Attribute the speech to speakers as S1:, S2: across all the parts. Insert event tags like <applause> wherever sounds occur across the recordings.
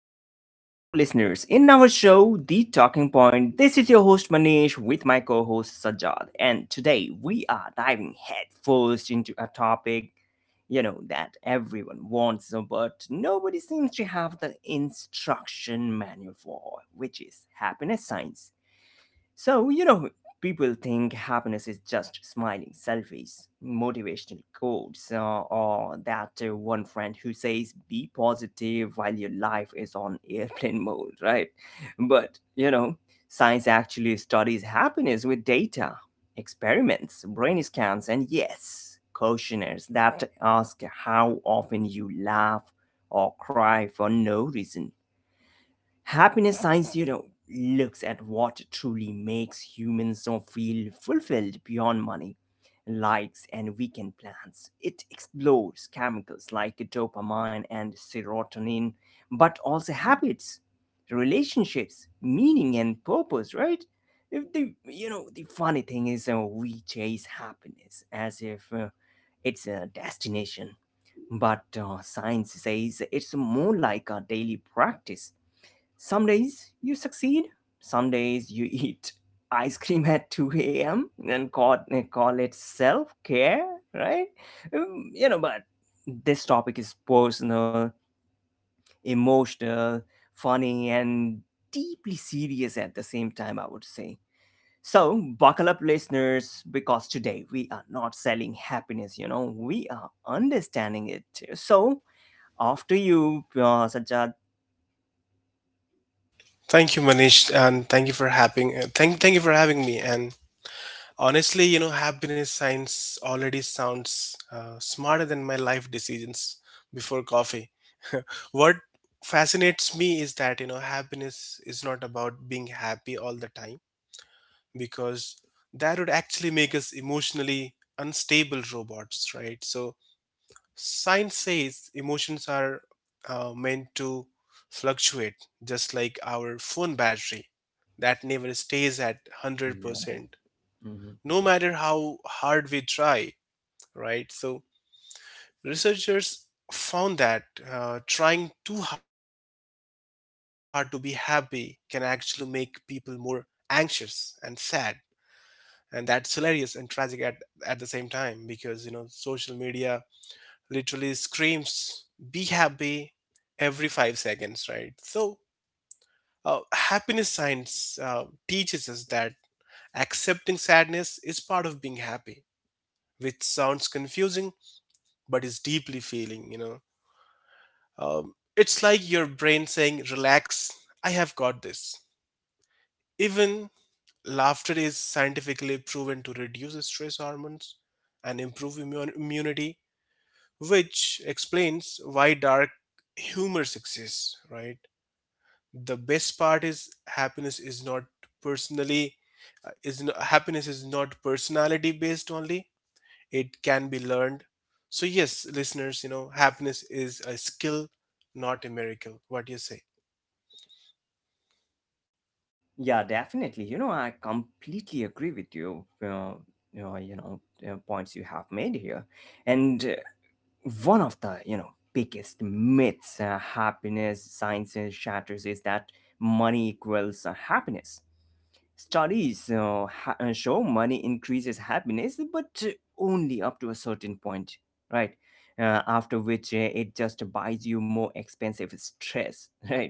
S1: back to all our listeners in our show The Talking Point. This is your host Manish with my co-host Sajad, and today we are diving headfirst into a topic, that everyone wants but nobody seems to have the instruction manual for, which is happiness science. So, people think happiness is just smiling selfies, motivational quotes, or that one friend who says be positive while your life is on airplane <laughs> mode, right? But, you know, science actually studies happiness with data, experiments, brain scans, and yes, questionnaires that ask how often you laugh or cry for no reason. Happiness science looks at what truly makes humans so feel fulfilled beyond money, likes, and weekend plans. It explores chemicals like dopamine and serotonin, but also habits, relationships, meaning, and purpose, right? If the, you know, the funny thing is, we chase happiness as if it's a destination, but science says it's more like a daily practice. Some days you succeed, some days you <laughs> eat ice cream at 2 a.m. and call it self care, right? But this topic is personal, emotional, funny, and deeply serious at the same time, I would say. So, buckle up, listeners, because today we are not selling happiness, we are understanding it. So, after you, Sajjad.
S2: Thank you, Manish, and thank you for having thank thank you for having me. And honestly, you know, happiness science already sounds smarter than my life decisions before coffee. What fascinates me is that you know happiness is not about being happy all the time because that would actually make us emotionally unstable robots, right? So science says emotions are meant to fluctuate, just like our phone battery that never stays at 100%, no matter how hard we try, right? So, researchers found that trying too hard to be happy can actually make people more anxious and sad. And that's hilarious and tragic at the same time because, you know, social media literally screams be happy every 5 seconds, right? So happiness science teaches us that accepting sadness is part of being happy, which sounds confusing but is deeply feeling, you know. It's like your brain saying relax, I have got this. Even laughter is scientifically proven to reduce stress hormones and improve immunity, which explains why dark humor exists, right? The best part is happiness is not personally is no, happiness is not personality based only. It can be learned. So yes, listeners, you know, happiness is a skill, not a miracle. What do you say?
S1: Yeah, definitely. You know, I completely agree with you. Uh, you know, you know, points you have made here, and one of the biggest myths happiness science shatters is that money equals happiness. Studies show money increases happiness, but only up to a certain point, right? After which it just buys you more expensive stress, <laughs> right?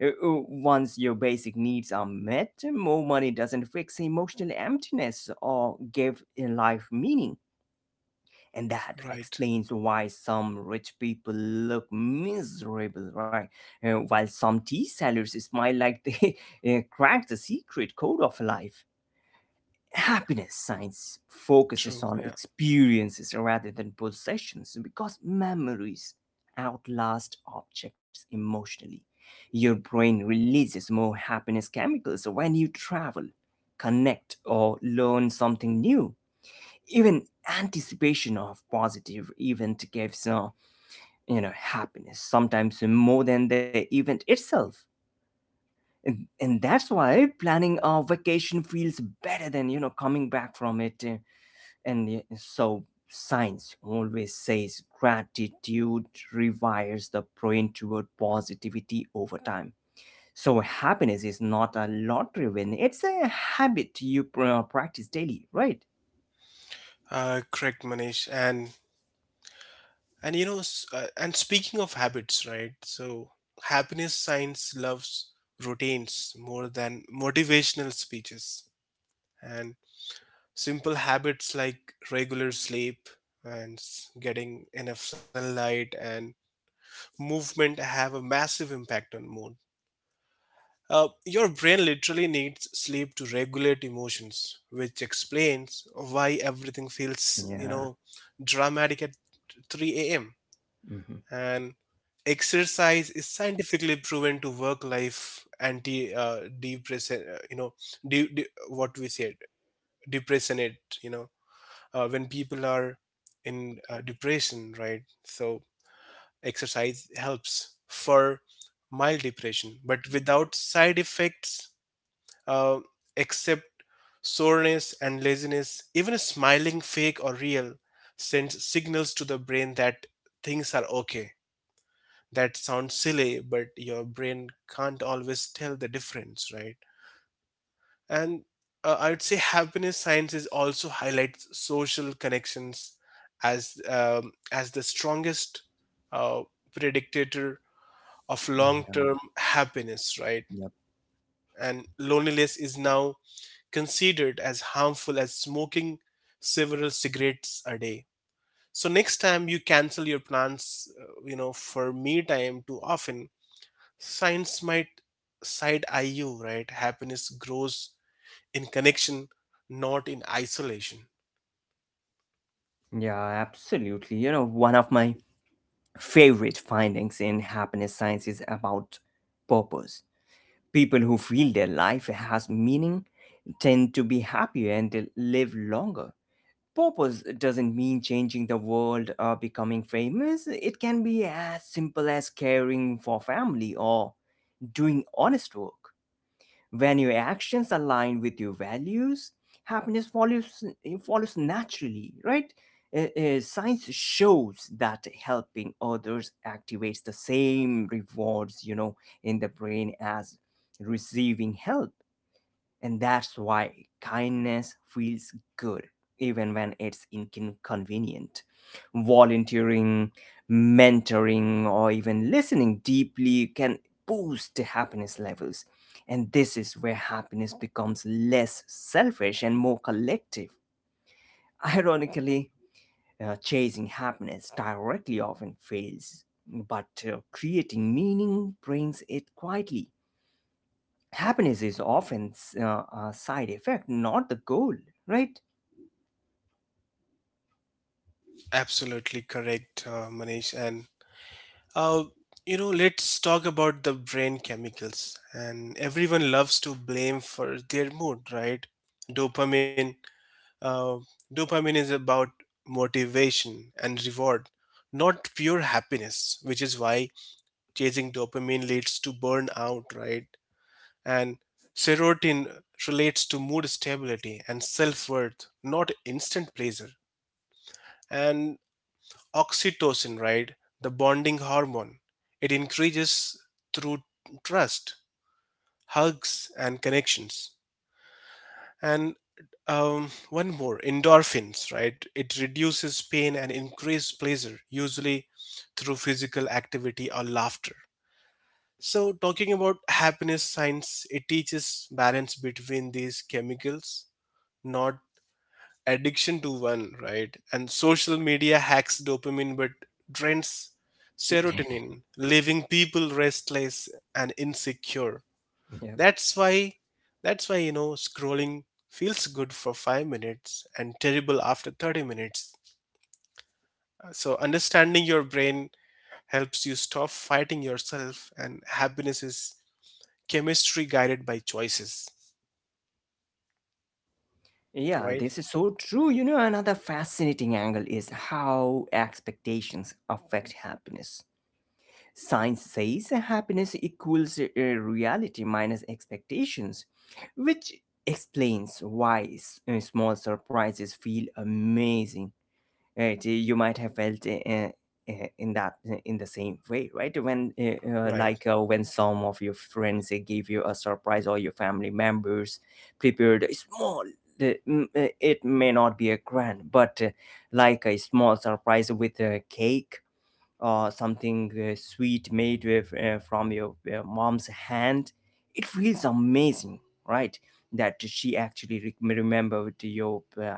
S1: Once your basic needs are met, more money doesn't fix emotional emptiness or give a life meaning. And that
S2: Right.
S1: explains why some rich people look miserable, right? While some tea sellers smile like they <laughs> cracked the secret code of life. Happiness science focuses
S2: True.
S1: on
S2: Yeah.
S1: experiences rather than possessions, because memories outlast objects emotionally. Your brain releases more happiness chemicals when you travel, connect, or learn something new. Even anticipation of positive event gives you know happiness, sometimes more than the event itself, and, and that's why planning a vacation feels better than coming back from it, and so science always says gratitude rewires the brain toward positivity over time. So happiness is not a lottery win, it's a habit you practice daily, right?
S2: Correct, Manish. And you know, s- and speaking of habits, right? So happiness science loves routines more than motivational speeches. And simple habits like regular sleep and getting enough sunlight and movement have a massive impact on mood. Your brain literally needs sleep to regulate emotions, which explains why everything feels, you
S1: Yeah.
S2: know, dramatic at 3 a.m.
S1: Mm-hmm.
S2: And exercise is scientifically proven to work life anti depressant, you know de- de- what we said depression, it you know when people are in depression, right? So exercise helps for mild depression but without side effects, uh, except soreness and laziness. Even a smiling, fake or real, sends signals to the brain that things are okay. That sounds silly, but your brain can't always tell the difference, right? And I would say happiness sciences also highlights social connections as the strongest uh, predictor of
S1: Yeah,
S2: long-term happiness, right?
S1: yep.
S2: And loneliness is now considered as harmful as smoking several cigarettes a day. So next time you cancel your plans, you know, for me time too often, science might side eye you, right? Happiness grows in connection, not in isolation.
S1: Yeah, absolutely. You know, one of my favorite findings in happiness science is about purpose. People who feel their life has meaning tend to be happier, and they live longer. Purpose doesn't mean changing the world or becoming famous. It can be as simple as caring for family or doing honest work. When your actions align with your values, happiness follows. It follows naturally, right? Science shows that helping others activates the same rewards, you know, in the brain as receiving help. And that's why kindness feels good, even when it's inconvenient. Volunteering, mentoring, or even listening deeply can boost happiness levels. And this is where happiness becomes less selfish and more collective. <laughs> Ironically, chasing happiness directly often fails, but creating meaning brings it quietly. Happiness is often uh, a side effect, not the goal, right?
S2: Absolutely correct, Manish. And uh, you know, let's talk about the brain chemicals. And everyone loves to blame for their mood, right? Dopamine. Uh, Dopamine is about motivation and reward, not pure happiness, which is why chasing dopamine leads to burnout, right? And serotonin relates to mood stability and self-worth, not instant pleasure. And oxytocin, right, the bonding hormone, it increases through trust, hugs and connections. And one more, endorphins, right, it reduces pain and increases pleasure usually through physical activity or laughter. So talking about happiness science, it teaches balance between these chemicals, not addiction to one, right? And social media hacks dopamine but drains
S1: <laughs>
S2: serotonin, leaving people restless and insecure.
S1: Yeah.
S2: That's why that's why you know scrolling feels good for 5 minutes and terrible after 30 minutes. So understanding your brain helps you stop fighting yourself, and happiness is chemistry guided by choices.
S1: Yeah,
S2: Right?
S1: this is so true. You know, another fascinating angle is how expectations affect happiness. Science says happiness equals reality minus expectations, which explains why small surprises feel amazing, right? You might have felt in in the same way, right? When
S2: Right.
S1: when some of your friends gave you a surprise, or your family members prepared a small it may not be a grand, but like a small surprise with a cake, something sweet made with, from your mom's hand, it feels amazing, right? That she actually remembered your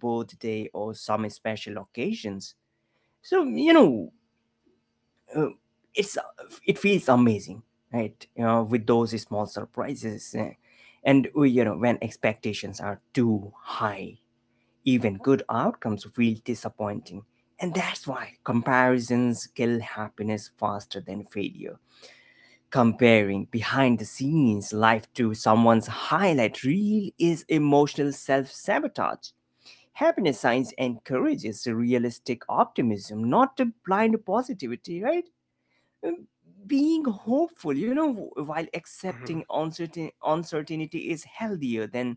S1: birthday or some special occasions. So you know, uh, it's it feels amazing, right? You know, with those small surprises, and you know when expectations are too high, even good outcomes feel disappointing. And that's why comparisons kill happiness faster than failure. Comparing behind the scenes life to someone's highlight reel is emotional self sabotage. Happiness science encourages realistic optimism, not a blind positivity, right? Um, Being hopeful, you know, while accepting
S2: Mhm.
S1: uncertainty is healthier than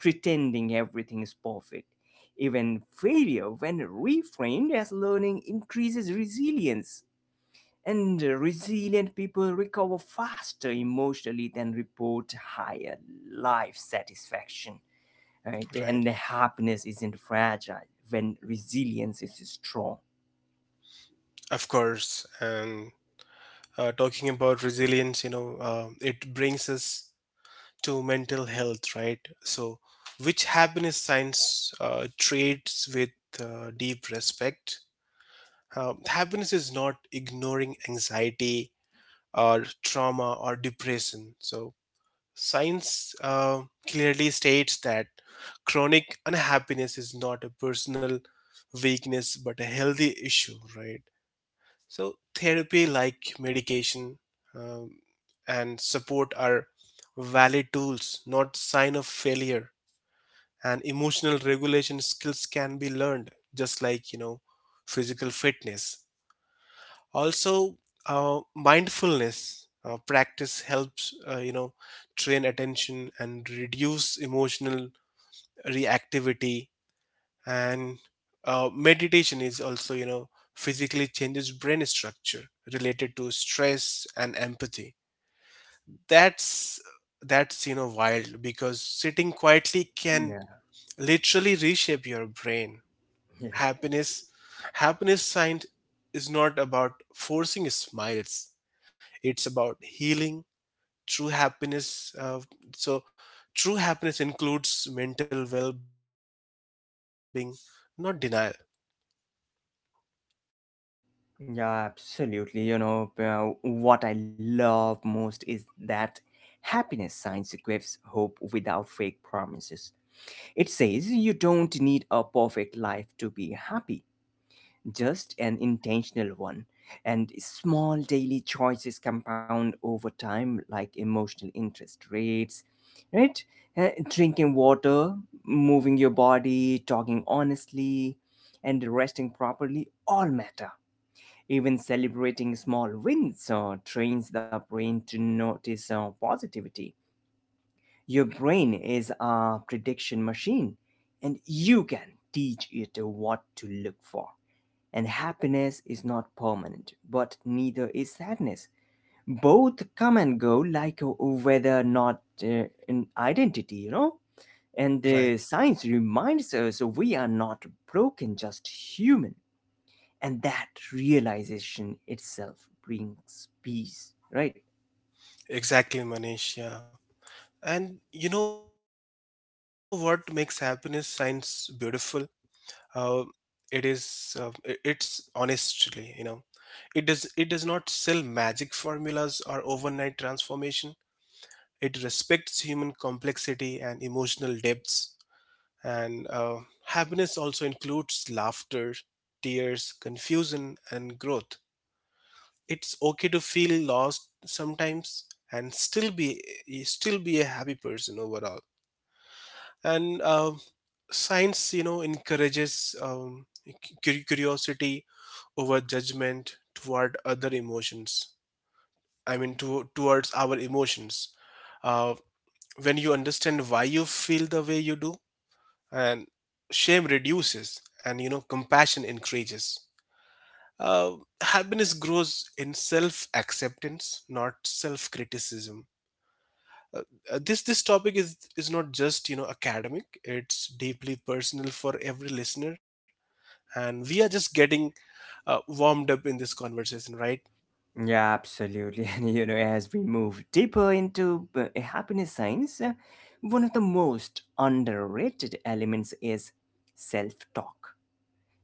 S1: pretending everything is perfect. Even failure, when reframed as learning, increases resilience. And resilient people recover faster emotionally than report higher life satisfaction. Right?
S2: Right.
S1: And happiness isn't fragile when resilience is strong.
S2: Of course. And talking about resilience, you know, it brings us to mental health, right? So, which happiness science traits with deep respect? Happiness is not ignoring anxiety or trauma or depression. So, science clearly states that chronic unhappiness is not a personal weakness but a healthy issue, right? So, therapy like medication, um, and support are valid tools, not sign of failure. And emotional regulation skills can be learned, just like you know, physical fitness. Also, mindfulness practice helps you know train attention and reduce emotional reactivity. And meditation is also, you know, physically changes brain structure related to stress and empathy. That's that's you know wild, because sitting quietly can
S1: Yeah,
S2: literally reshape your brain.
S1: yeah,
S2: Happiness happiness science is not about forcing smiles, it's about healing true happiness. So True happiness includes mental well-being, not denial.
S1: yeah, absolutely. You know, what I love most is that happiness science gives hope without fake promises. It says you don't need a perfect life to be happy, just an intentional one. And small daily choices compound over time, like emotional interest rates, right? Drinking water, moving your body, talking honestly, and resting properly all matter. Even celebrating small wins trains the brain to notice positivity. Your brain is a prediction machine, and you can teach it what to look for. And happiness is not permanent, but neither is sadness. Both come and go like a whether or not an identity, you know? And
S2: Right,
S1: science reminds us we are not broken, just human. And that realization itself brings peace, right?
S2: exactly, Manish. Yeah. And you know what makes happiness science beautiful? Uh, it's honestly, you know, it does not sell magic formulas or overnight transformation. It respects human complexity and emotional depths. And happiness also includes laughter, tears, confusion, and growth. It's okay to feel lost sometimes and still be a happy person overall. And science, you know, encourages curiosity over judgment toward other emotions, I mean towards our emotions. Uh, when you understand why you feel the way you do, and shame reduces and you know compassion increases. Uh, happiness grows in self acceptance, not self criticism. uh, this topic is not just, you know, academic, it's deeply personal for every listener, and we are just getting warmed up in this conversation, right?
S1: Yeah, absolutely. <laughs> And you know, as we move deeper into happiness science, one of the most underrated elements is self talk,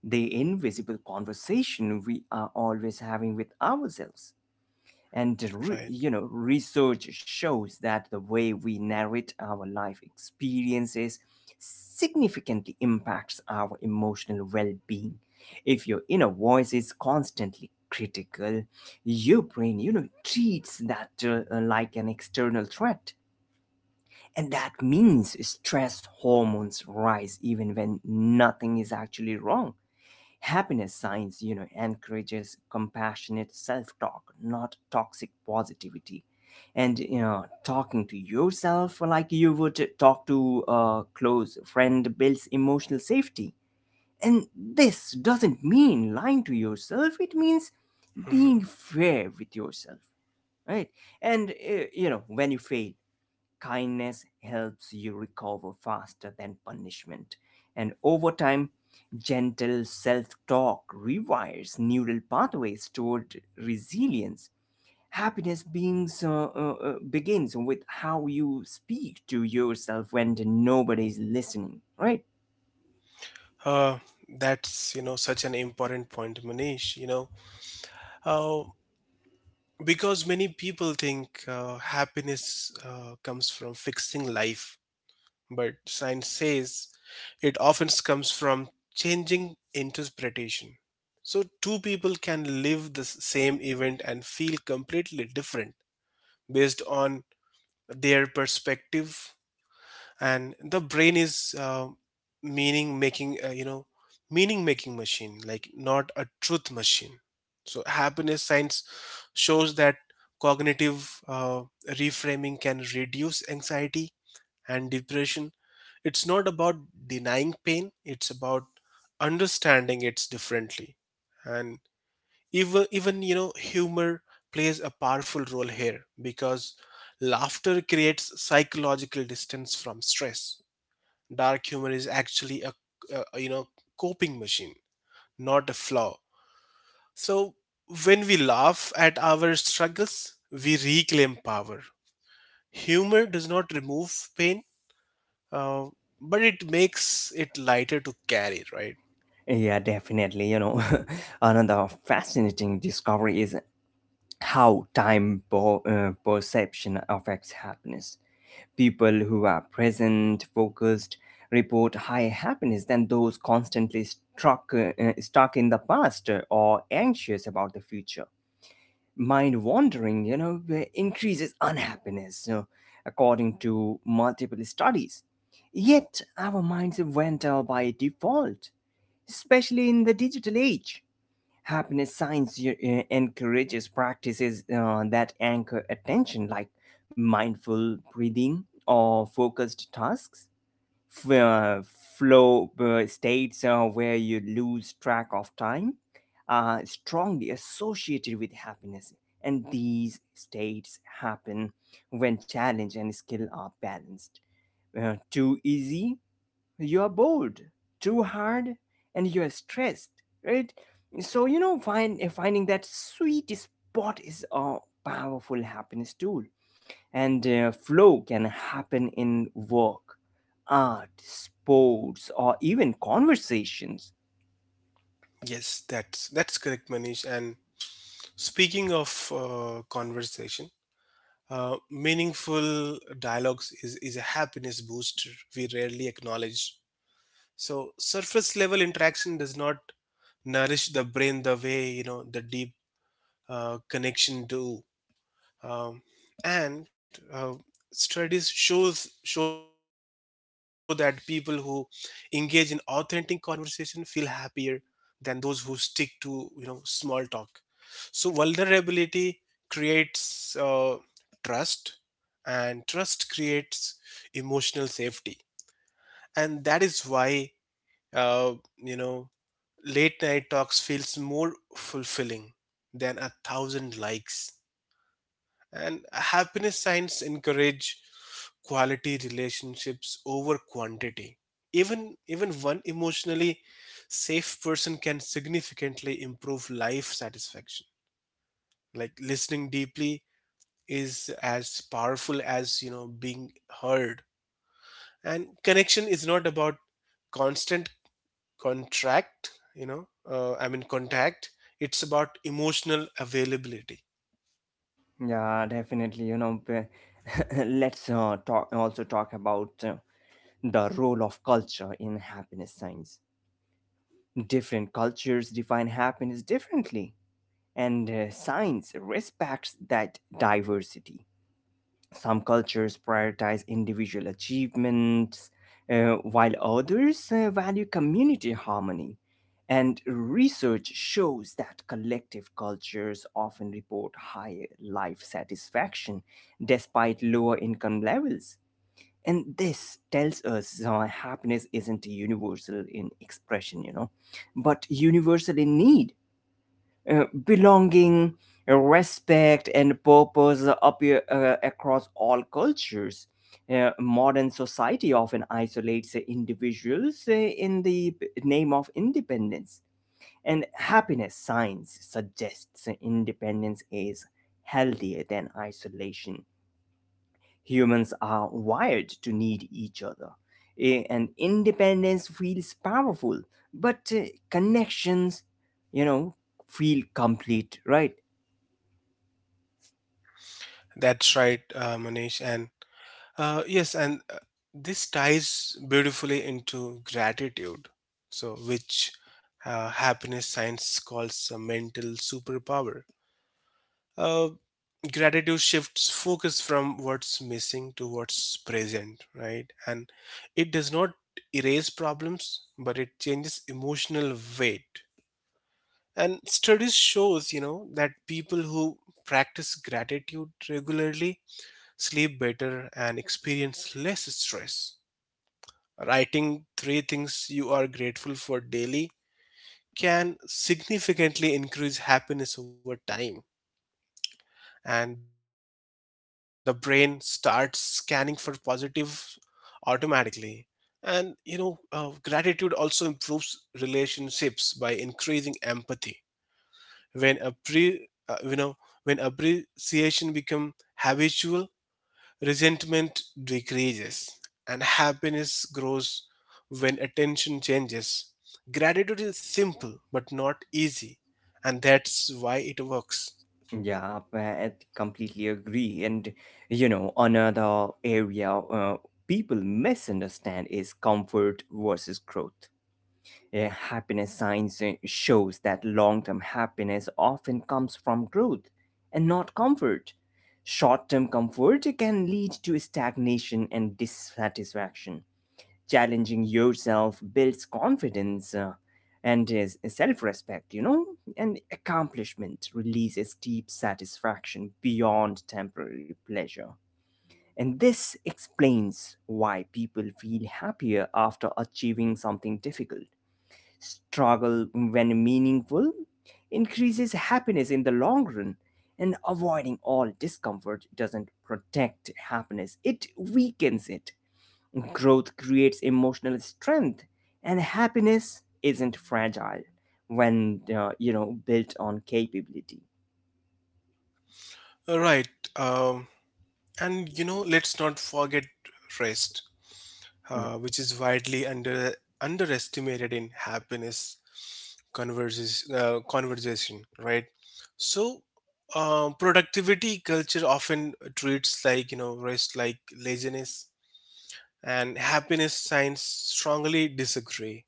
S1: the invisible conversation we are always having with ourselves. And
S2: Right.
S1: you know, research shows that the way we narrate our life experiences significantly impacts our emotional well-being. If your inner voice is constantly critical, your brain, you know, treats that like an external threat. And that means stress hormones rise even when nothing is actually wrong. Happiness science, you know, encourages compassionate self-talk, not toxic positivity. And you know, talking to yourself like you would talk to a close friend builds emotional safety. And this doesn't mean lying to yourself, it means
S2: Hmm.
S1: being fair with yourself, right? And you know, when you fail, kindness helps you recover faster than punishment. And over time, gentle self talk rewires neural pathways toward resilience. Happiness begins with how you speak to yourself when nobody's listening, right?
S2: uh, that's, you know, such an important point, Manish, you know. uh, because many people think happiness comes from fixing life, but science says it often comes from changing interpretation. So, two people can live the same event and feel completely different based on their perspective, and the brain is meaning making, you know meaning making machine, like not a truth machine. So, happiness science shows that cognitive reframing can reduce anxiety and depression. It's not about denying pain, it's about understanding it differently. And even you know, humor plays a powerful role here because laughter creates psychological distance from stress. Dark humor is actually a you know coping machine, not a flaw. So when we laugh at our struggles, we reclaim power. Humor does not remove pain, uh, but it makes it lighter to carry, right?
S1: Yeah, definitely. You know, <laughs> another fascinating discovery is how perception affects happiness. People who are present, focused, report higher happiness than those constantly stuck in the past or anxious about the future. Mind wandering, you know, increases unhappiness, according to multiple studies. Yet our minds went by default, especially in the digital age. Happiness science encourages practices that anchor attention, like mindful breathing or focused tasks. f- uh, Flow states where you lose track of time are strongly associated with happiness, and these states happen when challenge and skill are balanced. Too easy, you're bored; too hard, and you're stressed, right? So you know, finding that sweet spot is a powerful happiness tool. And flow can happen in work, art, sports, or even conversations.
S2: Yes, that's correct, Manish. And speaking of conversation, meaningful dialogues is a happiness booster we rarely acknowledge. So surface level interaction does not nourish the brain the way you know the deep connection do. Um, and Studies show that people who engage in authentic conversation feel happier than those who stick to you know small talk. So vulnerability creates trust, and trust creates emotional safety. And that is why uh, you know late night talks feels more fulfilling than a thousand likes. And happiness signs encourage quality relationships over quantity. Even one emotionally safe person can significantly improve life satisfaction. Like listening deeply is as powerful as you know being heard. And connection is not about constant contract, you know, I mean contact. It's about emotional availability.
S1: Yeah, definitely. You know, <laughs> let's talk about the role of culture in happiness science. Different cultures define happiness differently, and science respects that diversity. Some cultures prioritize individual achievements, while others value community harmony. And research shows that collective cultures often report higher life satisfaction despite lower income levels. And this tells us happiness isn't universal in expression, you know, but universal in need. Uh, belonging, respect, and purpose appear across all cultures. Modern society often isolates individuals in the name of independence. And happiness science suggests independence is healthier than isolation. Humans are wired to need each other. And independence feels powerful, but connections, you know, feel complete, right?
S2: That's right, Manish. And Uh, yes, and uh, this ties beautifully into gratitude, so which happiness science calls a mental superpower. Uh, gratitude shifts focus from what's missing to what's present, right? And it does not erase problems, but it changes emotional weight. And studies shows, you know, that people who practice gratitude regularly sleep better and experience less stress. Writing three things you are grateful for daily can significantly increase happiness over time, and the brain starts scanning for positive automatically. And you know, gratitude also improves relationships by increasing empathy. You know, when appreciation become habitual, resentment decreases and happiness grows when attention changes. Gratitude is simple but not easy, and that's why it works.
S1: Yeah, I completely agree. And you know, another area people misunderstand is comfort versus growth. Happiness science shows that long-term happiness often comes from growth and not comfort. Short-term comfort can lead to stagnation and dissatisfaction. Challenging yourself builds confidence and is self respect, you know, and accomplishment releases deep satisfaction beyond temporary pleasure. And this explains why people feel happier after achieving something difficult. Struggle, when meaningful, increases happiness in the long run, and avoiding all discomfort doesn't protect happiness, it weakens it. Growth creates emotional strength, and happiness isn't fragile when you know built on capability.
S2: All right, um, and you know, let's not forget rest,
S1: Yeah,
S2: which is widely underestimated in happiness conversation, right? So, productivity culture often treats like you know rest like laziness, and happiness science strongly disagree.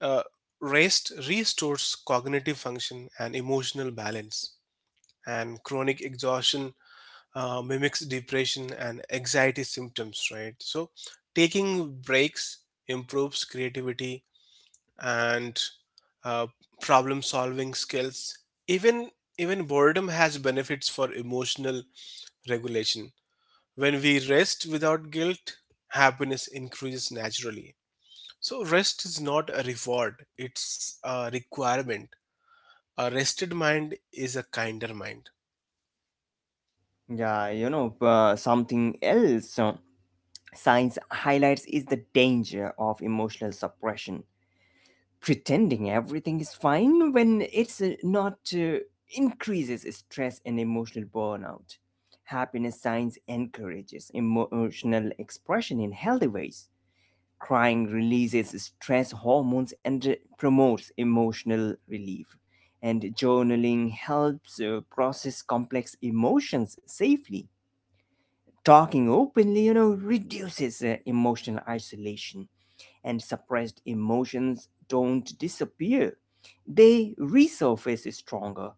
S2: Uh, rest restores cognitive function and emotional balance, and chronic exhaustion mimics depression and anxiety symptoms, right? So, taking breaks improves creativity and uh, problem solving skills. Even Even boredom has benefits for emotional regulation. When we rest without guilt, happiness increases naturally. So, rest is not a reward, it's a requirement. A rested mind is a kinder mind.
S1: yeah, you know, something else science highlights is the danger of emotional suppression. Pretending everything is fine when it's not increases stress and emotional burnout. Happiness science encourages emotional expression in healthy ways. Crying releases stress hormones and promotes emotional relief. And journaling helps process complex emotions safely. Talking openly, you know, reduces emotional isolation, and suppressed emotions don't disappear. They resurface stronger,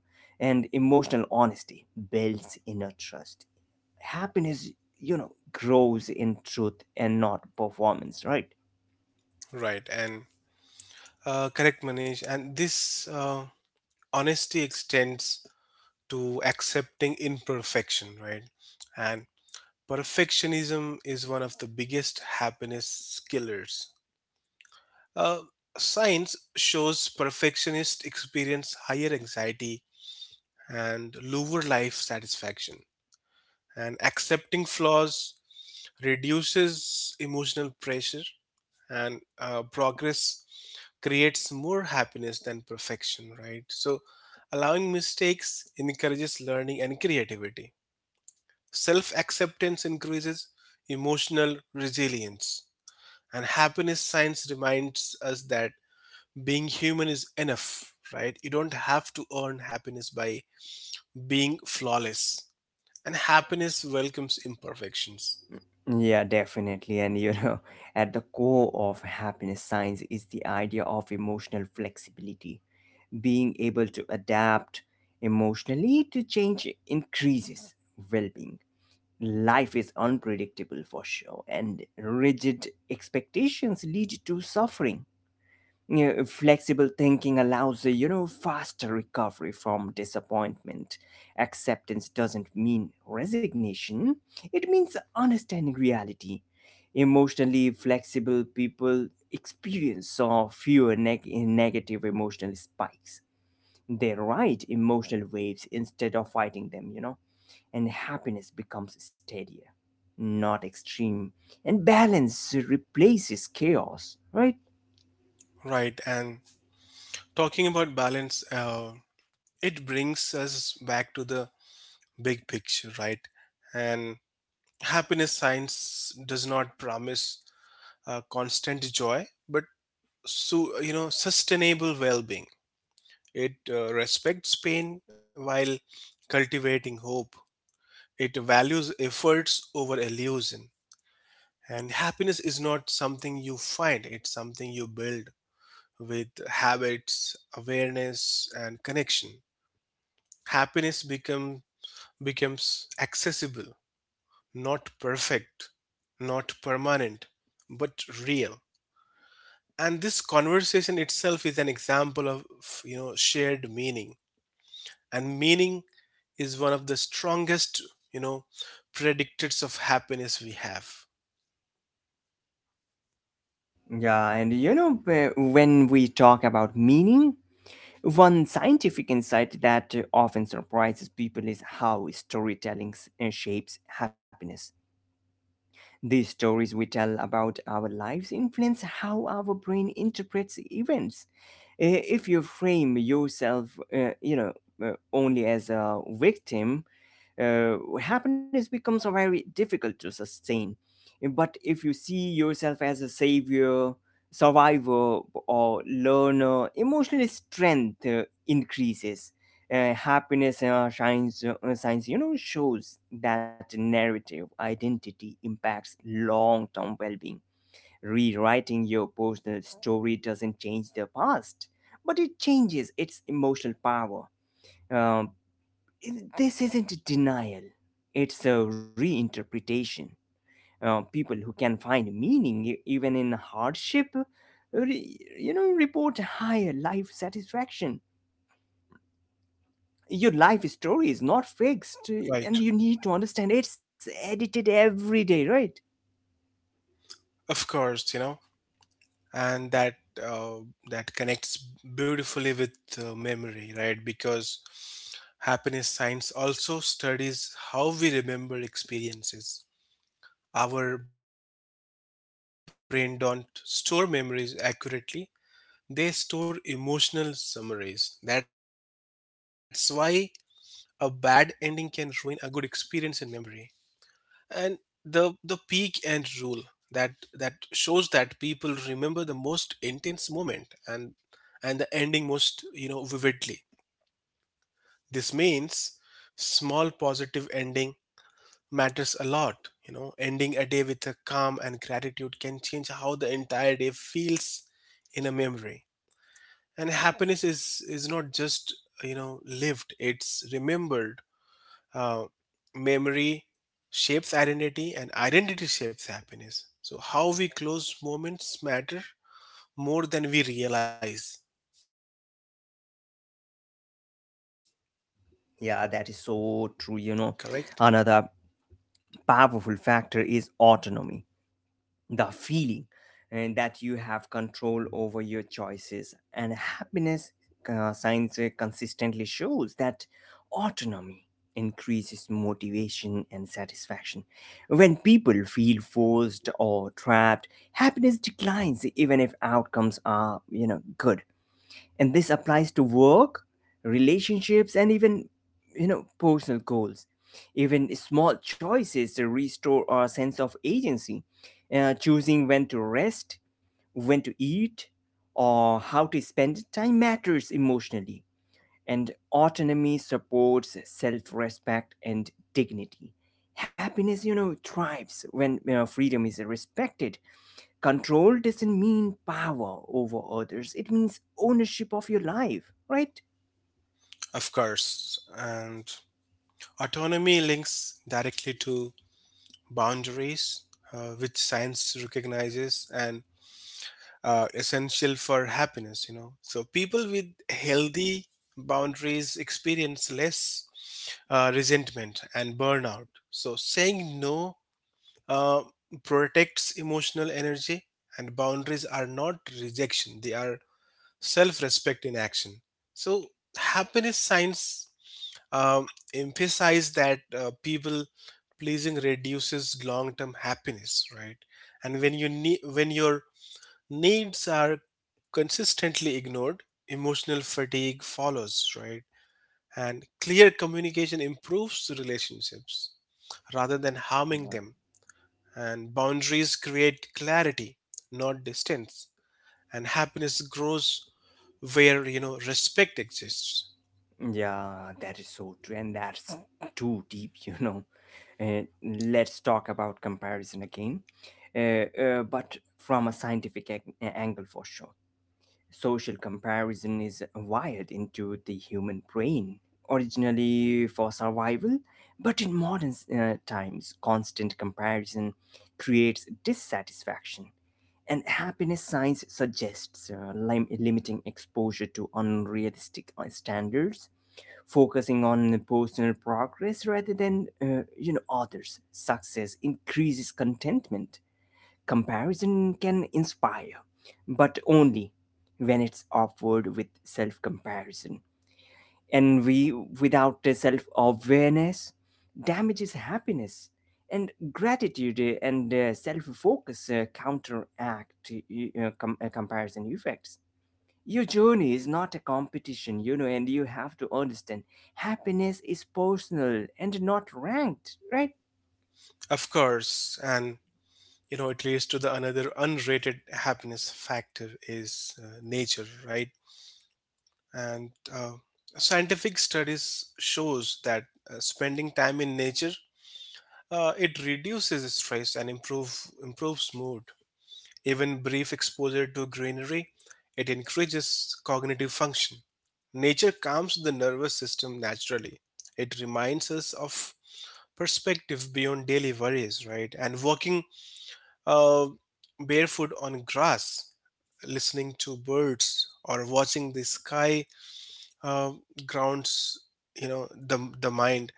S1: and emotional honesty builds inner trust. Happiness, you know, grows in truth and not performance, right?
S2: Right, and correct, Manish. And this honesty extends to accepting imperfection, right? And perfectionism is one of the biggest happiness killers. Uh, science shows perfectionist experience higher anxiety and lower life satisfaction. And accepting flaws reduces emotional pressure, and progress creates more happiness than perfection, right? So, allowing mistakes encourages learning and creativity. Self acceptance increases emotional resilience. And happiness science reminds us that being human is enough, right? You don't have to earn happiness by being flawless. And happiness welcomes imperfections,
S1: Yeah, definitely. And you know, <laughs> at the core of happiness science is the idea of emotional flexibility, being able to adapt emotionally to change increases well-being. Life is unpredictable for sure, and rigid expectations lead to suffering. Yeah, flexible thinking allows a you know faster recovery from disappointment. Acceptance doesn't mean resignation, it means understanding reality. Emotionally flexible people experience or fewer negative emotional spikes. They ride emotional waves instead of fighting them, you know, and happiness becomes steadier, not extreme, and balance replaces chaos, right?
S2: right? And talking about balance, it brings us back to the big picture, right? And happiness science does not promise constant joy, but you know sustainable well-being. It respects pain while cultivating hope. It values efforts over illusion. And happiness is not something you find, it's something you build with habits, awareness, and connection. Happiness become, becomes accessible, not perfect, not permanent, but real. And this conversation itself is an example of shared meaning. And meaning is one of the strongest, you know, predictors of happiness we have.
S1: Yeah, and you know, when we talk about meaning, one scientific insight that often surprises people is how storytelling shapes happiness. The stories we tell about our lives influence how our brain interprets events. If you frame yourself, uh, you know, only as a victim, happiness becomes very difficult to sustain. But if you see yourself as a savior, survivor, or learner, emotional strength increases. Happiness shines. Science, you know, shows that narrative identity impacts long-term well-being. Rewriting your personal story doesn't change the past, but it changes its emotional power. um, this isn't denial, it's a reinterpretation. People who can find meaning even in hardship you know report higher life satisfaction. Your life story is not fixed, and
S2: Right.
S1: you need to understand it's edited every day, right?
S2: Of course, you know, and that uh, that connects beautifully with memory, right? Because happiness science also studies how we remember experiences. Our brain don't store memories accurately; they store emotional summaries. That's why a bad ending can ruin a good experience in memory. And the peak and rule that shows that people remember the most intense moment and the ending most vividly. This means small positive ending matters a lot. Ending a day with a calm and gratitude can change how the entire day feels in a memory. And happiness is not just lived, it's remembered. uh, Memory shapes identity and identity shapes happiness, so how we close moments matter more than we realize, correct?
S1: Yeah, that is so true, you know. Another powerful factor is autonomy, the feeling and that you have control over your choices and happiness. Science consistently shows that autonomy increases motivation and satisfaction. When people feel forced or trapped, happiness declines even if outcomes are, you know, good. And this applies to work, relationships, and even, you know, personal goals. Even small choices to restore our sense of agency, choosing when to rest, when to eat, or how to spend time matters emotionally. And autonomy supports self-respect and dignity. Happiness, you know, thrives when, you know, freedom is respected. Control doesn't mean power over others, it means ownership of your life, right?
S2: Of course, and Autonomy links directly to boundaries, which science recognizes and essential for happiness. You know, so people with healthy boundaries experience less resentment and burnout. So saying no, uh, protects emotional energy, and boundaries are not rejection; they are self-respect in action. So happiness science um, emphasize that people pleasing reduces long-term happiness, right? And when you need when your needs are consistently ignored, emotional fatigue follows, right? And clear communication improves the relationships rather than harming
S1: Yeah.
S2: them. And boundaries create clarity, not distance, and happiness grows where respect exists.
S1: Yeah, that is so true, and that's too deep, <laughs> you know. Uh, let's talk about comparison again, but from a scientific angle for sure. Social comparison is wired into the human brain, originally for survival, but in modern times, constant comparison creates dissatisfaction. And happiness science suggests limiting exposure to unrealistic standards, focusing on personal progress rather than, you know, others. Success increases contentment. Comparison can inspire, but only when it's offered with self-comparison, and we without self-awareness damages happiness. And gratitude and self-focus counteract comparison effects. Your journey is not a competition, you know, and you have to understand happiness is personal and not ranked, right?
S2: Of course, and you know it leads to the another unrated happiness factor is nature, right? And scientific studies shows that spending time in nature, it reduces stress and improves mood. Even brief exposure to greenery, it increases cognitive function. Nature calms the nervous system naturally. It reminds us of perspective beyond daily worries, right? And walking uh, barefoot on grass, listening to birds or watching the sky, uh, grounds the mind.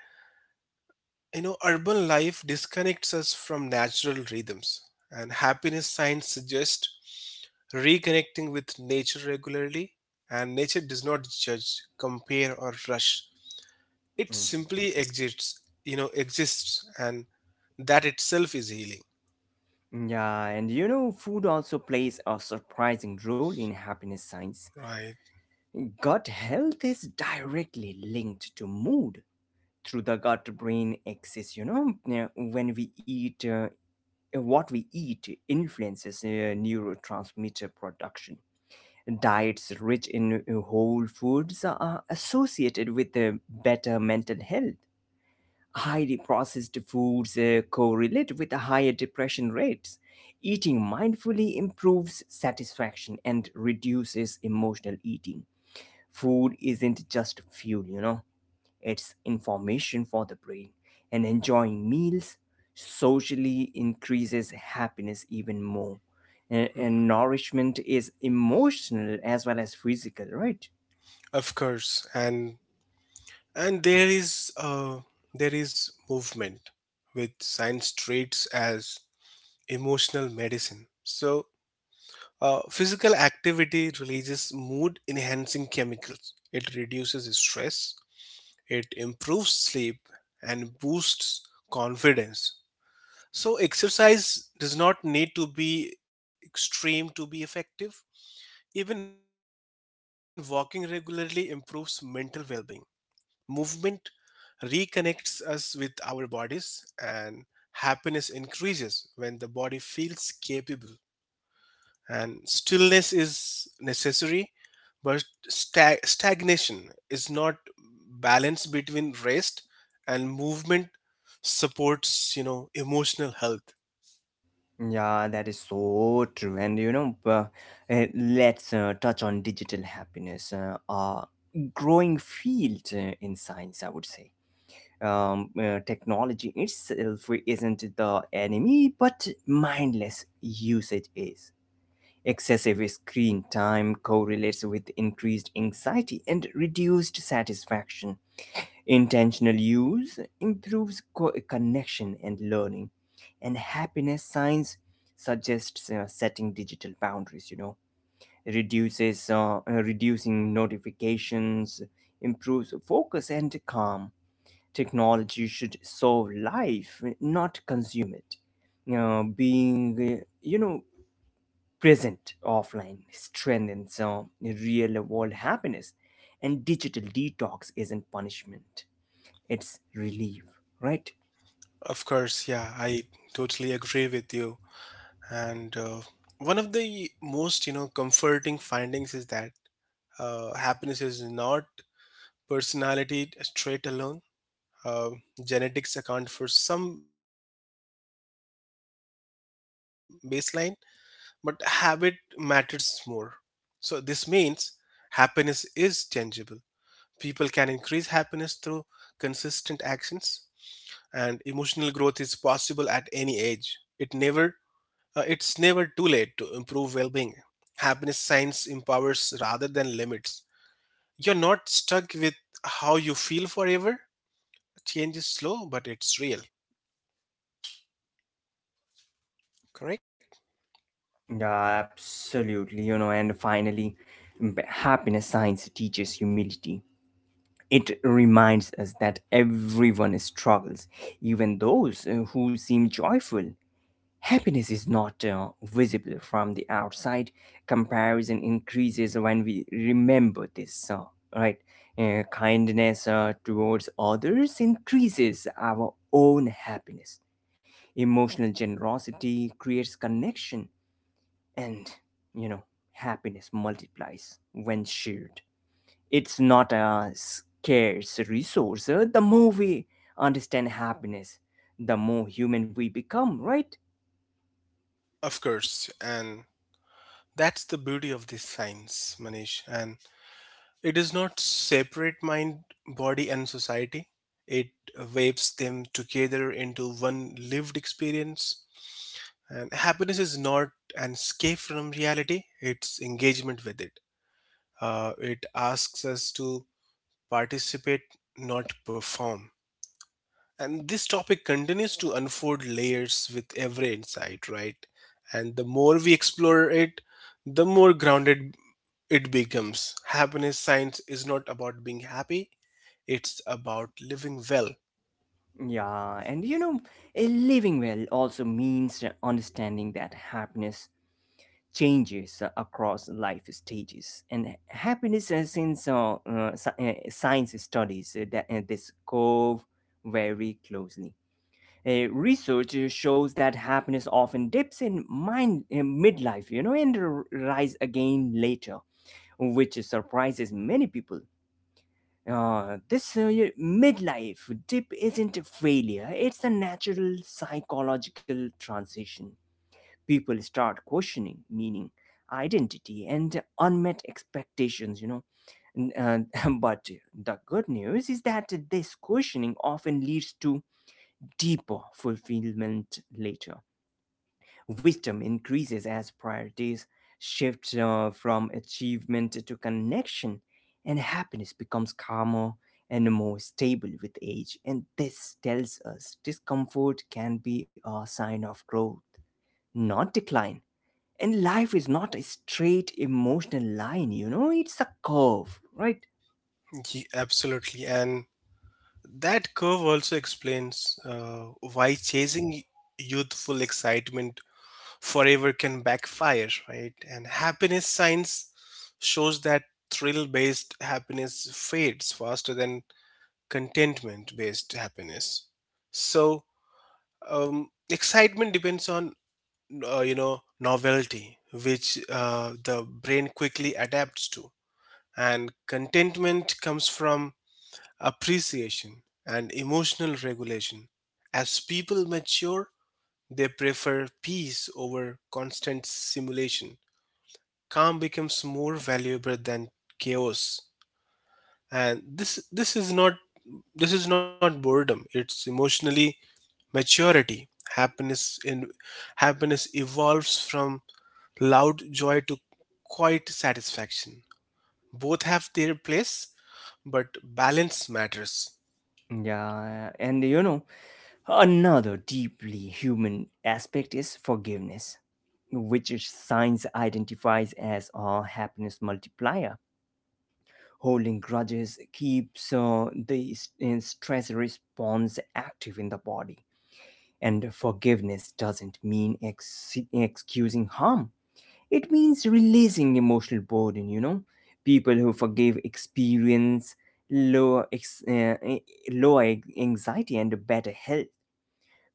S2: You know, urban life disconnects us from natural rhythms, and happiness science suggests reconnecting with nature regularly. And nature does not judge, compare or rush, it
S1: Mhm.
S2: simply exists you know exists, and that itself is healing.
S1: Yeah, and you know, food also plays a surprising role in happiness science.
S2: Right.
S1: Gut health is directly linked to mood, through the gut brain axis, you know. Yeah, when we eat what we eat influences neurotransmitter production. Diets rich in whole foods are associated with better mental health. Highly processed foods correlate with higher depression rates. Eating mindfully improves satisfaction and reduces emotional eating. Food isn't just fuel, you know, it's information for the brain, and enjoying meals socially increases happiness even more. And
S2: Mm.
S1: nourishment is emotional as well as physical, right?
S2: Of course, and there is movement with science treats as emotional medicine. So physical activity releases mood enhancing chemicals, it reduces stress, it improves sleep, and boosts confidence. So exercise does not need to be extreme to be effective. Even walking regularly improves mental well-being. Movement reconnects us with our bodies, and happiness increases when the body feels capable. And stillness is necessary, but stagnation is not. Balance between rest and movement supports emotional health.
S1: Yeah, that is so true. And you know, let's touch on digital happiness, a growing field in science, I would say. Technology itself isn't the enemy, but mindless usage is. Excessive screen time correlates with increased anxiety and reduced satisfaction. Intentional use improves connection and learning, and happiness science suggests setting digital boundaries. You know, reduces reducing notifications, improves focus and calm. Technology should solve life, eh, not consume it, you know. Being present offline strengthens real world happiness, and digital detox isn't punishment, it's relief, right?
S2: Of course, yeah, I totally agree with you. And one of the most comforting findings is that happiness is not personality trait alone. Uh, Genetics account for some baseline, but habit matters more. So, this means happiness is tangible. People can increase happiness through consistent actions, and emotional growth is possible at any age. It never it's never too late to improve well-being. Happiness science empowers rather than limits. You're not stuck with how you feel forever. Change is slow, but it's real, correct?
S1: Yeah, absolutely, you know. And finally, happiness science teaches humility. It reminds us that everyone struggles, even those who seem joyful. Happiness is not visible from the outside. Comparison increases when we remember this, right? Kindness towards others increases our own happiness. Emotional generosity creates connection, and you know, happiness multiplies when shared. It's not a scarce resource. The more we understand happiness, the more human we become, right?
S2: Of course, and that's the beauty of this science, Manish. And it does not separate mind, body, and society, it waves them together into one lived experience. And happiness is not an escape from reality, it's engagement with it. It asks us to participate, not perform. And this topic continues to unfold layers with every insight, right? And the more we explore it, the more grounded it becomes. Happiness science is not about being happy, it's about living well.
S1: Yeah, and you know, eh, living well also means understanding that happiness changes across life stages. And happiness, science studies that, this curve very closely. Research shows that happiness often dips in mind in midlife, you know, and rise again later, which surprises many people. This midlife dip isn't a failure, it's a natural psychological transition. People start questioning meaning, identity, and unmet expectations, you know. <laughs> But the good news is that this questioning often leads to deeper fulfillment later. Wisdom increases as priorities shift, from achievement to connection, and happiness becomes calmer and more stable with age. And this tells us discomfort can be a sign of growth, not decline. And life is not a straight emotional line, you know, it's a curve, right?
S2: Absolutely. And that curve also explains why chasing youthful excitement forever can backfire, right? And happiness science shows that thrill based happiness fades faster than contentment based happiness. So excitement depends on novelty, which the brain quickly adapts to, and contentment comes from appreciation and emotional regulation. As people mature, they prefer peace over constant simulation. Calm becomes more valuable than chaos. And this is not boredom, it's emotionally maturity. happiness in Happiness evolves from loud joy to quiet satisfaction. Both have their place, but balance matters.
S1: Yeah, and you know, another deeply human aspect is forgiveness, which is science identifies as a happiness multiplier. Holding grudges keeps the stress response active in the body, and forgiveness doesn't mean excusing harm. It means releasing emotional burden, you know. People who forgive experience lower, ex- uh, eh, lower anxiety and better health.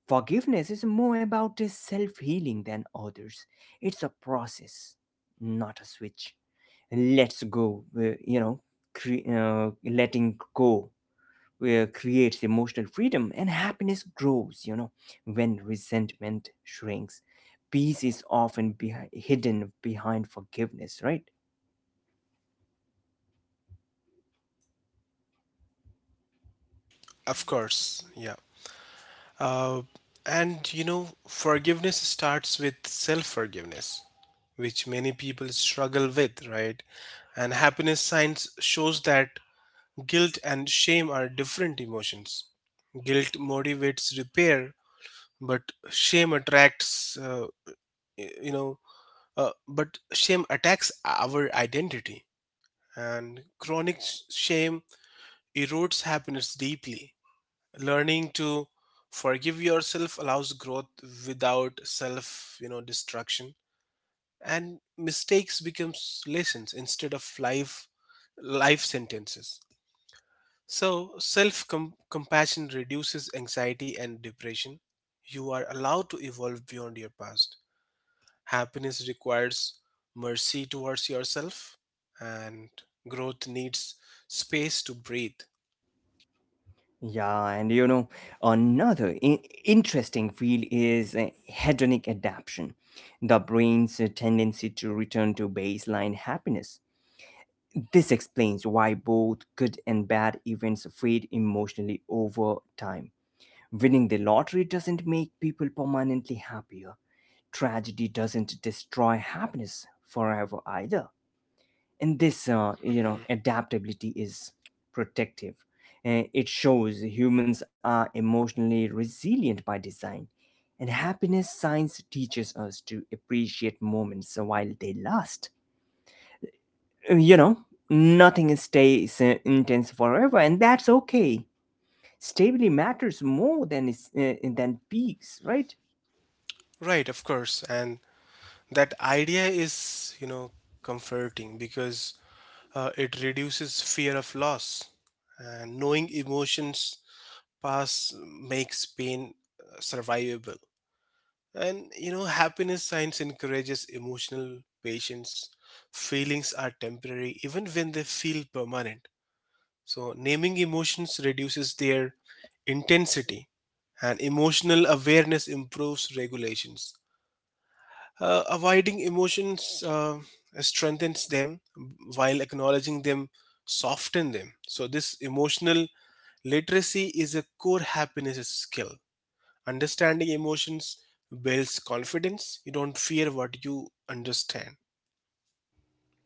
S1: Forgiveness is more about self healing than others. It's a process, not a switch. Let's go, letting go creates emotional freedom, and happiness grows, you know, when resentment shrinks. Peace is often hidden behind forgiveness, right?
S2: Of course. Yeah. uh, and you know, forgiveness starts with self forgiveness, which many people struggle with, right? And happiness science shows that guilt and shame are different emotions. Guilt motivates repair, but shame attracts uh, you know but shame attacks our identity, and shame erodes happiness deeply. Learning to forgive yourself allows growth without self destruction, and mistakes becomes lessons instead of life sentences. So self compassion reduces anxiety and depression. You are allowed to evolve beyond your past. Happiness requires mercy towards yourself, and growth needs space to breathe.
S1: Yeah, and you know, another interesting field is hedonic adaptation, the brain's tendency to return to baseline happiness. This explains why both good and bad events fade emotionally over time. Winning the lottery doesn't make people permanently happier. Tragedy doesn't destroy happiness forever either, and this, you know,
S2: Hmm.
S1: adaptability is protective. It shows humans are emotionally resilient by design, and happiness science teaches us to appreciate moments while they last. You know, nothing stays intense forever, and that's okay. Stability matters more than is than peaks, right?
S2: Right, of course. And that idea is, you know, comforting because it reduces fear of loss. And knowing emotions pass makes pain survivable. And, you know, happiness science encourages emotional patience. Feelings are temporary even when they feel permanent. So, naming emotions reduces their intensity, and emotional awareness improves regulations. Avoiding emotions strengthens them, while acknowledging them soften them. So, this emotional literacy is a core happiness skill. Understanding emotions builds confidence. You don't fear what you understand,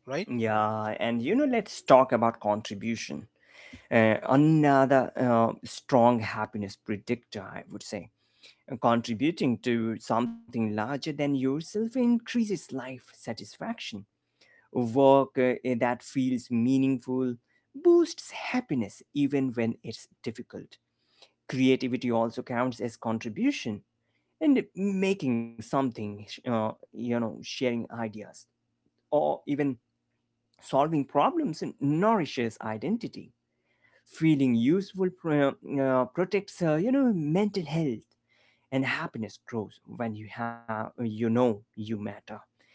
S2: right?
S1: Yeah, and you know, let's talk about contribution, another strong happiness predictor, I would say. Contributing to something larger than yourself increases life satisfaction. Work that feels meaningful boosts happiness even when it's difficult. Creativity also counts as contribution, and making something, you know, sharing ideas, or even solving problems and nourishes identity. Feeling useful protects, you know, mental health, and happiness grows when you have, you know, you matter.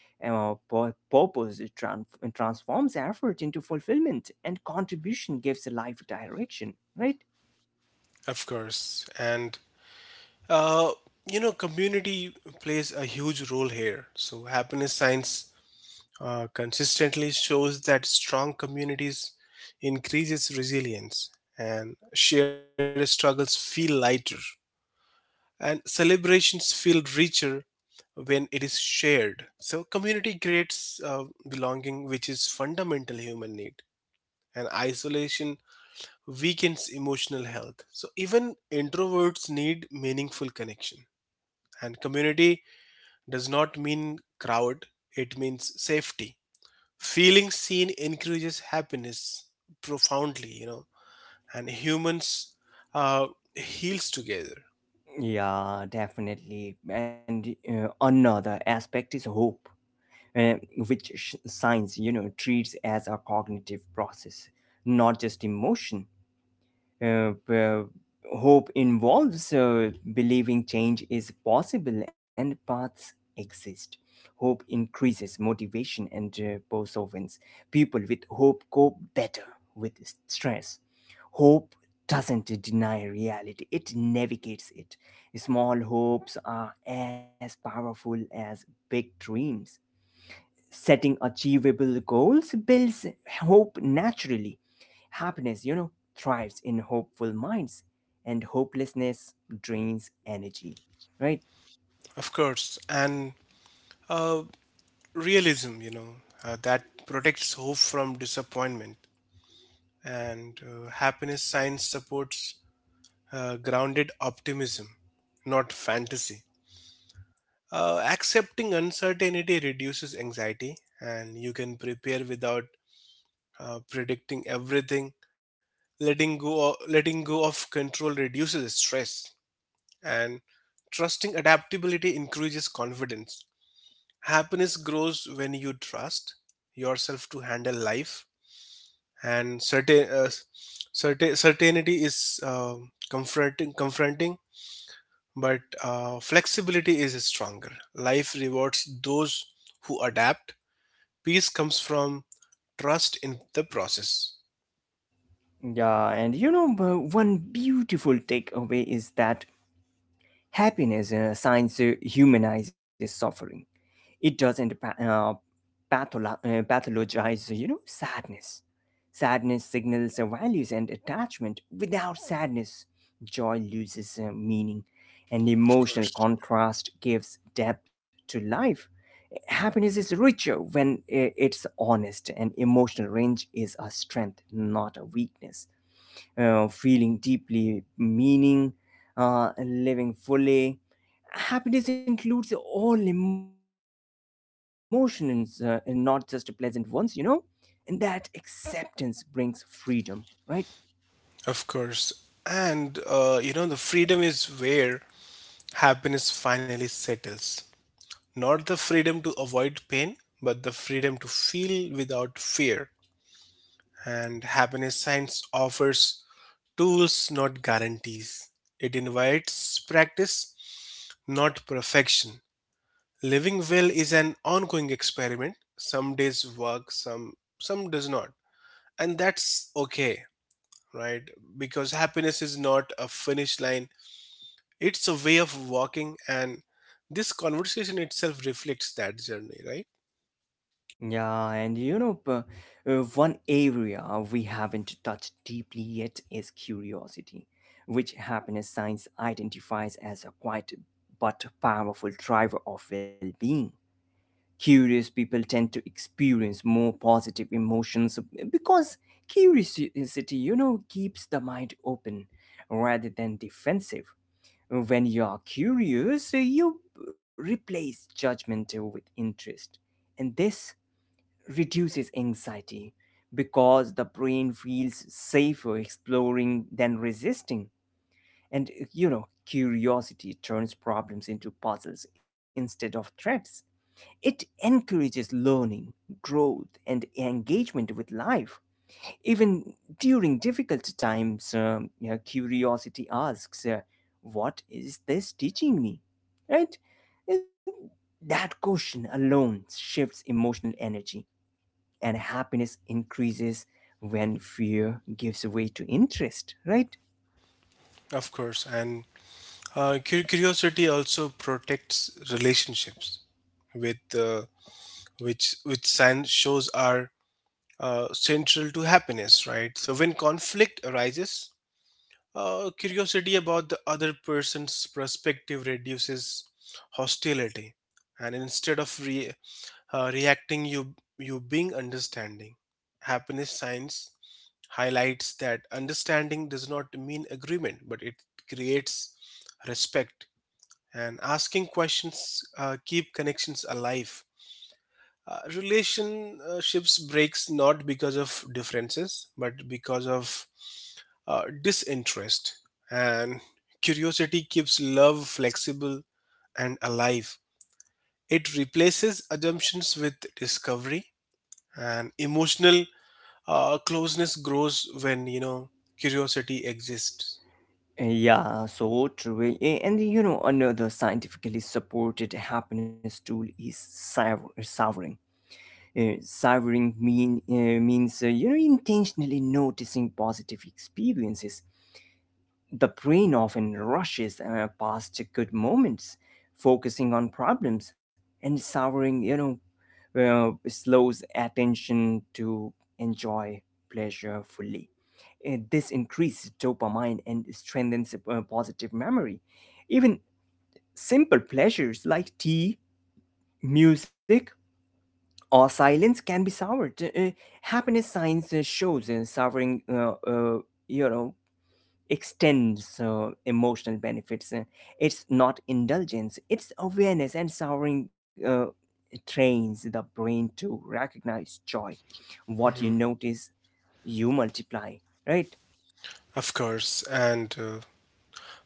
S1: Purpose transforms effort into fulfillment, and contribution gives a life direction, right?
S2: Of course, and Uh, you know, community plays a huge role here. So, happiness science consistently shows that strong communities increases resilience, and shared struggles feel lighter and celebrations feel richer when it is shared. So, community creates belonging, which is fundamental human need, and isolation weakens emotional health. So, even introverts need meaningful connection, and community does not mean crowd, it means safety. Feeling seen increases happiness profoundly, you know, and humans uh, heals together.
S1: Yeah, definitely. And another aspect is hope, uh, which science, you know, treats as a cognitive process, not just emotion. Uh, uh, Hope involves believing change is possible and paths exist. Hope increases motivation and perseverance. People with hope cope better with stress. Hope doesn't deny reality, it navigates it. Small hopes are as powerful as big dreams. Setting achievable goals builds hope naturally. Happiness, you know, thrives in hopeful minds, and hopelessness drains energy, right?
S2: Of course, and uh, realism, you know, that protects hope from disappointment, and happiness science supports grounded optimism, not fantasy. Accepting uncertainty reduces anxiety, and you can prepare without predicting everything. Letting go of control reduces stress, and trusting adaptability increases confidence. Happiness grows when you trust yourself to handle life. And certainty is confronting, but flexibility is stronger. Life rewards those who adapt. Peace comes from trust in the process.
S1: Yeah, and you know, one beautiful takeaway is that happiness science humanizes suffering. It doesn't pathologize, you know, sadness. Sadness signals values and attachment. Without sadness, joy loses meaning, and
S2: Of
S1: emotional
S2: course.
S1: contrast gives depth to life. Happiness is richer when it's honest, and emotional range is a strength, not a weakness. Feeling deeply meaning, living fully. Happiness includes all emotions, and not just pleasant ones, you know? And that acceptance brings freedom, right?
S2: Of course. And you know, the freedom is where happiness finally settles. Not the freedom to avoid pain, but the freedom to feel without fear. And happiness science offers tools, not guarantees. It invites practice, not perfection. Living well is an ongoing experiment. Some days work, some does not. And that's okay, right? Because happiness is not a finish line. It's a way of walking, and this conversation itself reflects that journey, right?
S1: Yeah, and you know, one area we haven't touched deeply yet is curiosity, which happiness science identifies as a quiet but powerful driver of well being. Curious people tend to experience more positive emotions, eh, because curiosity, you know, keeps the mind open rather than defensive. When you are curious, eh, you replace judgment with interest. And this reduces anxiety because the brain feels safer exploring than resisting. And, eh, you know, curiosity turns problems into puzzles instead of threats. It encourages learning, growth, and engagement with life. Even during difficult times, yeah, curiosity asks, what is this teaching me? Right? And that question alone shifts emotional energy, and happiness increases when fear gives way to interest, right?
S2: Of course, and curiosity also protects relationships, with which science shows are central to happiness, right? So when conflict arises, curiosity about the other person's perspective reduces hostility, and instead of reacting, you being understanding. Happiness science highlights that understanding does not mean agreement, but it creates respect. And asking questions keep connections alive. Relationships breaks not because of differences, but because of disinterest, and curiosity keeps love flexible and alive. It replaces assumptions with discovery, and emotional closeness grows when curiosity exists.
S1: Yeah, so true. And you know, another scientifically supported happiness tool is souring. Savoring means you know, intentionally noticing positive experiences. The brain often rushes past good moments, focusing on problems, and savoring, you know, slows attention to enjoy pleasure fully. This increases dopamine and strengthens positive memory. Even simple pleasures like tea, music, or silence can be soured. Happiness science shows souring, you know, extends emotional benefits. It's not indulgence, it's awareness, and souring trains the brain to recognize joy. What you
S2: Mhm.
S1: notice, you multiply, right?
S2: Of course, and uh,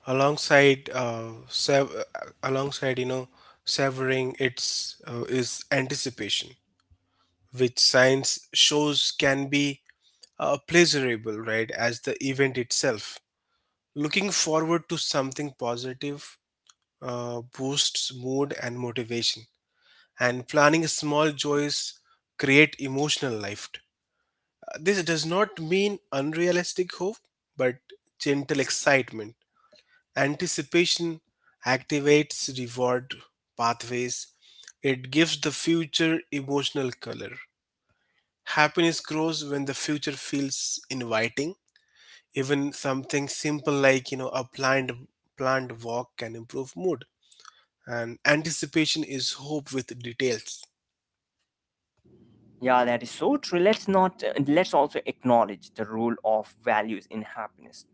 S2: alongside uh, sev- uh, alongside severing its is anticipation, which science shows can be pleasurable, right, as the event itself. Looking forward to something positive boosts mood and motivation, and planning small joys create emotional life. This does not mean unrealistic hope, but gentle excitement. Anticipation activates reward pathways. It gives the future emotional color. Happiness grows when the future feels inviting. Even something simple like, you know, a planned walk can improve mood. And anticipation is hope with details.
S1: Yeah, that is so true. Let's not, let's also acknowledge the role of values in happiness.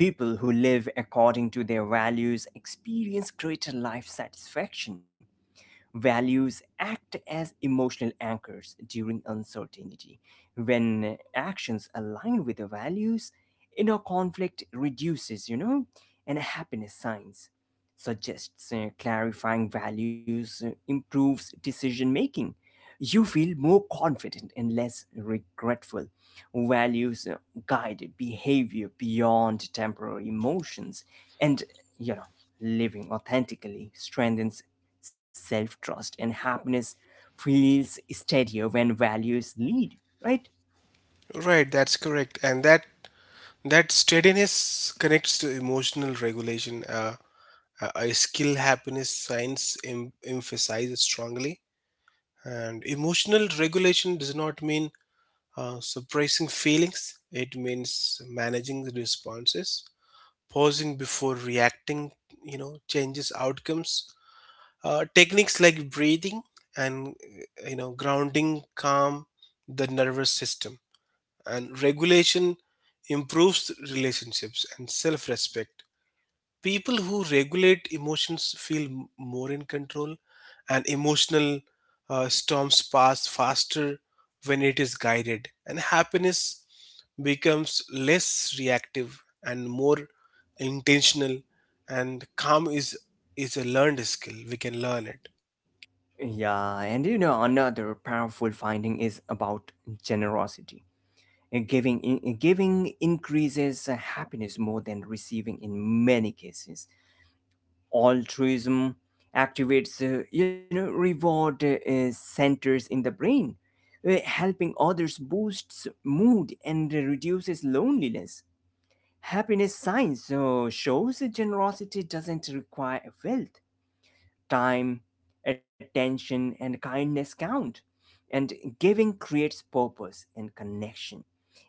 S1: People who live according to their values experience greater life satisfaction. Values act as emotional anchors during uncertainty. When actions align with the values, inner conflict reduces, you know, and happiness signs suggests clarifying values improves decision making. You feel more confident and less regretful. Values guide behavior beyond temporary emotions and, you know, living authentically strengthens self trust, and happiness feels steadier when values lead, right?
S2: Right, that's correct. And that steadiness connects to emotional regulation. A a skill happiness science emphasizes strongly. And emotional regulation does not mean suppressing feelings. It means managing the responses, pausing before reacting. You know, changes outcomes. Techniques like breathing and grounding calm the nervous system, and regulation improves relationships and self-respect. People who regulate emotions feel more in control, and emotional storms pass faster when it is guided, and happiness becomes less reactive and more intentional. And calm is a learned skill, we can learn it.
S1: Yeah, and you know, another powerful finding is about generosity. Giving increases happiness more than receiving in many cases. Altruism activates, you know, reward centers in the brain. Helping others boosts mood and reduces loneliness. Happiness science shows that generosity doesn't require wealth. Time, attention, and kindness count. And giving creates purpose and connection.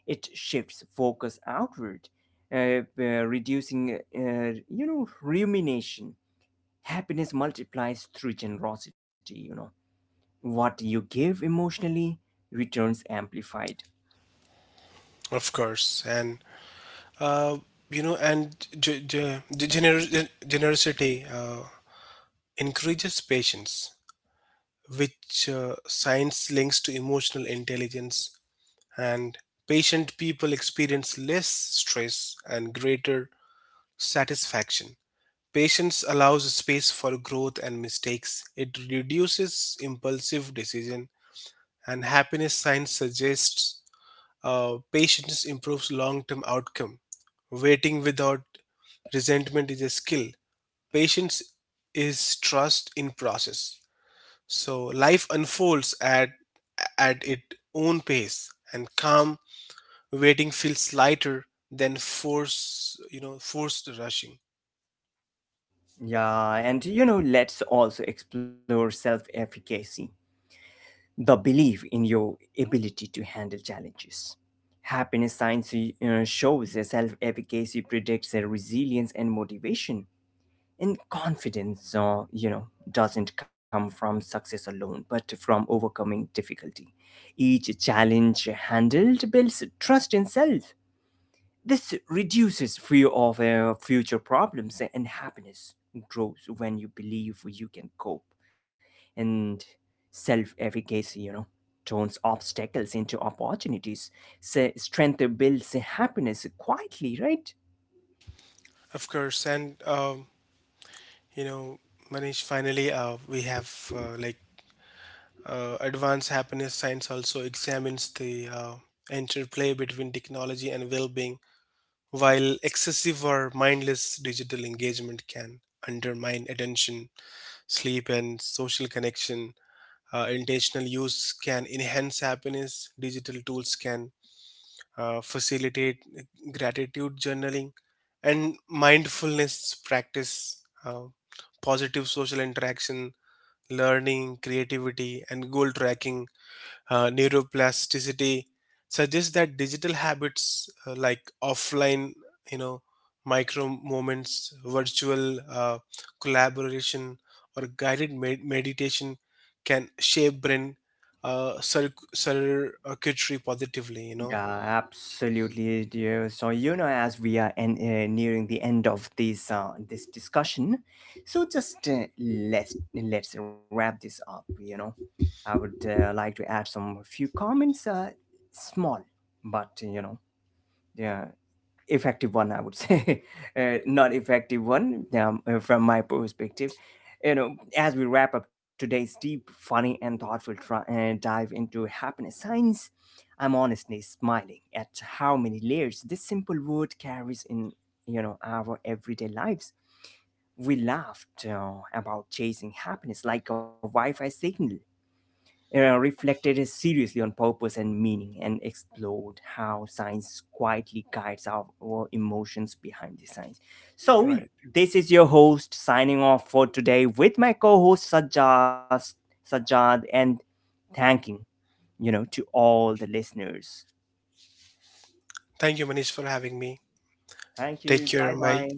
S1: It shifts focus outward, reducing, you know, rumination. Happiness multiplies through generosity, you know. What you give emotionally returns amplified.
S2: Of course, and uh, you know, and generosity encourages patience, which science links to emotional intelligence. And patient people experience less stress and greater satisfaction. Patience allows space for growth and mistakes. It reduces impulsive decision, and happiness science suggests patience improves long term outcome. Waiting without resentment is a skill. Patience is trust in process. So life unfolds at its own pace, and calm waiting feels lighter than forced rushing.
S1: Yeah, and you know, let's also explore self efficacy, the belief in your ability to handle challenges. Happiness science shows a self-efficacy predicts a resilience and motivation. And confidence, you know, doesn't come from success alone, but from overcoming difficulty. Each challenge handled builds trust in self, this reduces fear of future problems, and happiness grows when you believe you can cope. And self efficacy, you know, turns obstacles into opportunities. So strength builds happiness quietly, right?
S2: Of course, and you know, Manish, finally we have advanced happiness science also examines the interplay between technology and well being. While excessive or mindless digital engagement can undermine attention, sleep, and social connection, intentional use can enhance happiness. Digital tools can facilitate gratitude journaling, and mindfulness practice, uh, positive social interaction, learning, creativity, and goal tracking. Neuroplasticity suggests that digital habits, like offline you know micro moments, virtual collaboration or meditation, can shape brain circuitry positively, you know.
S1: Yeah, absolutely, dear. So you know, as we are nearing the end of this this discussion, so just let's wrap this up. You know, I would like to add some few comments, small, but, you know, yeah, effective one I would say <laughs> not effective one, from my perspective, you know, as we wrap up today's deep, funny, and thoughtful dive into happiness science. I'm honestly smiling at how many layers this simple word carries in, you know, our everyday lives. We laughed about chasing happiness like a Wi-Fi signal, reflected seriously on purpose and meaning, and explored how science quietly guides our emotions behind the science. So,
S2: Right.
S1: this is your host signing off for today with my co host Sajad, Sajad, and thanking, you know, to all the listeners.
S2: Thank you, Manish, for having me.
S1: Thank
S2: Take
S1: you.
S2: care,
S1: Bye
S2: bye.
S1: bye.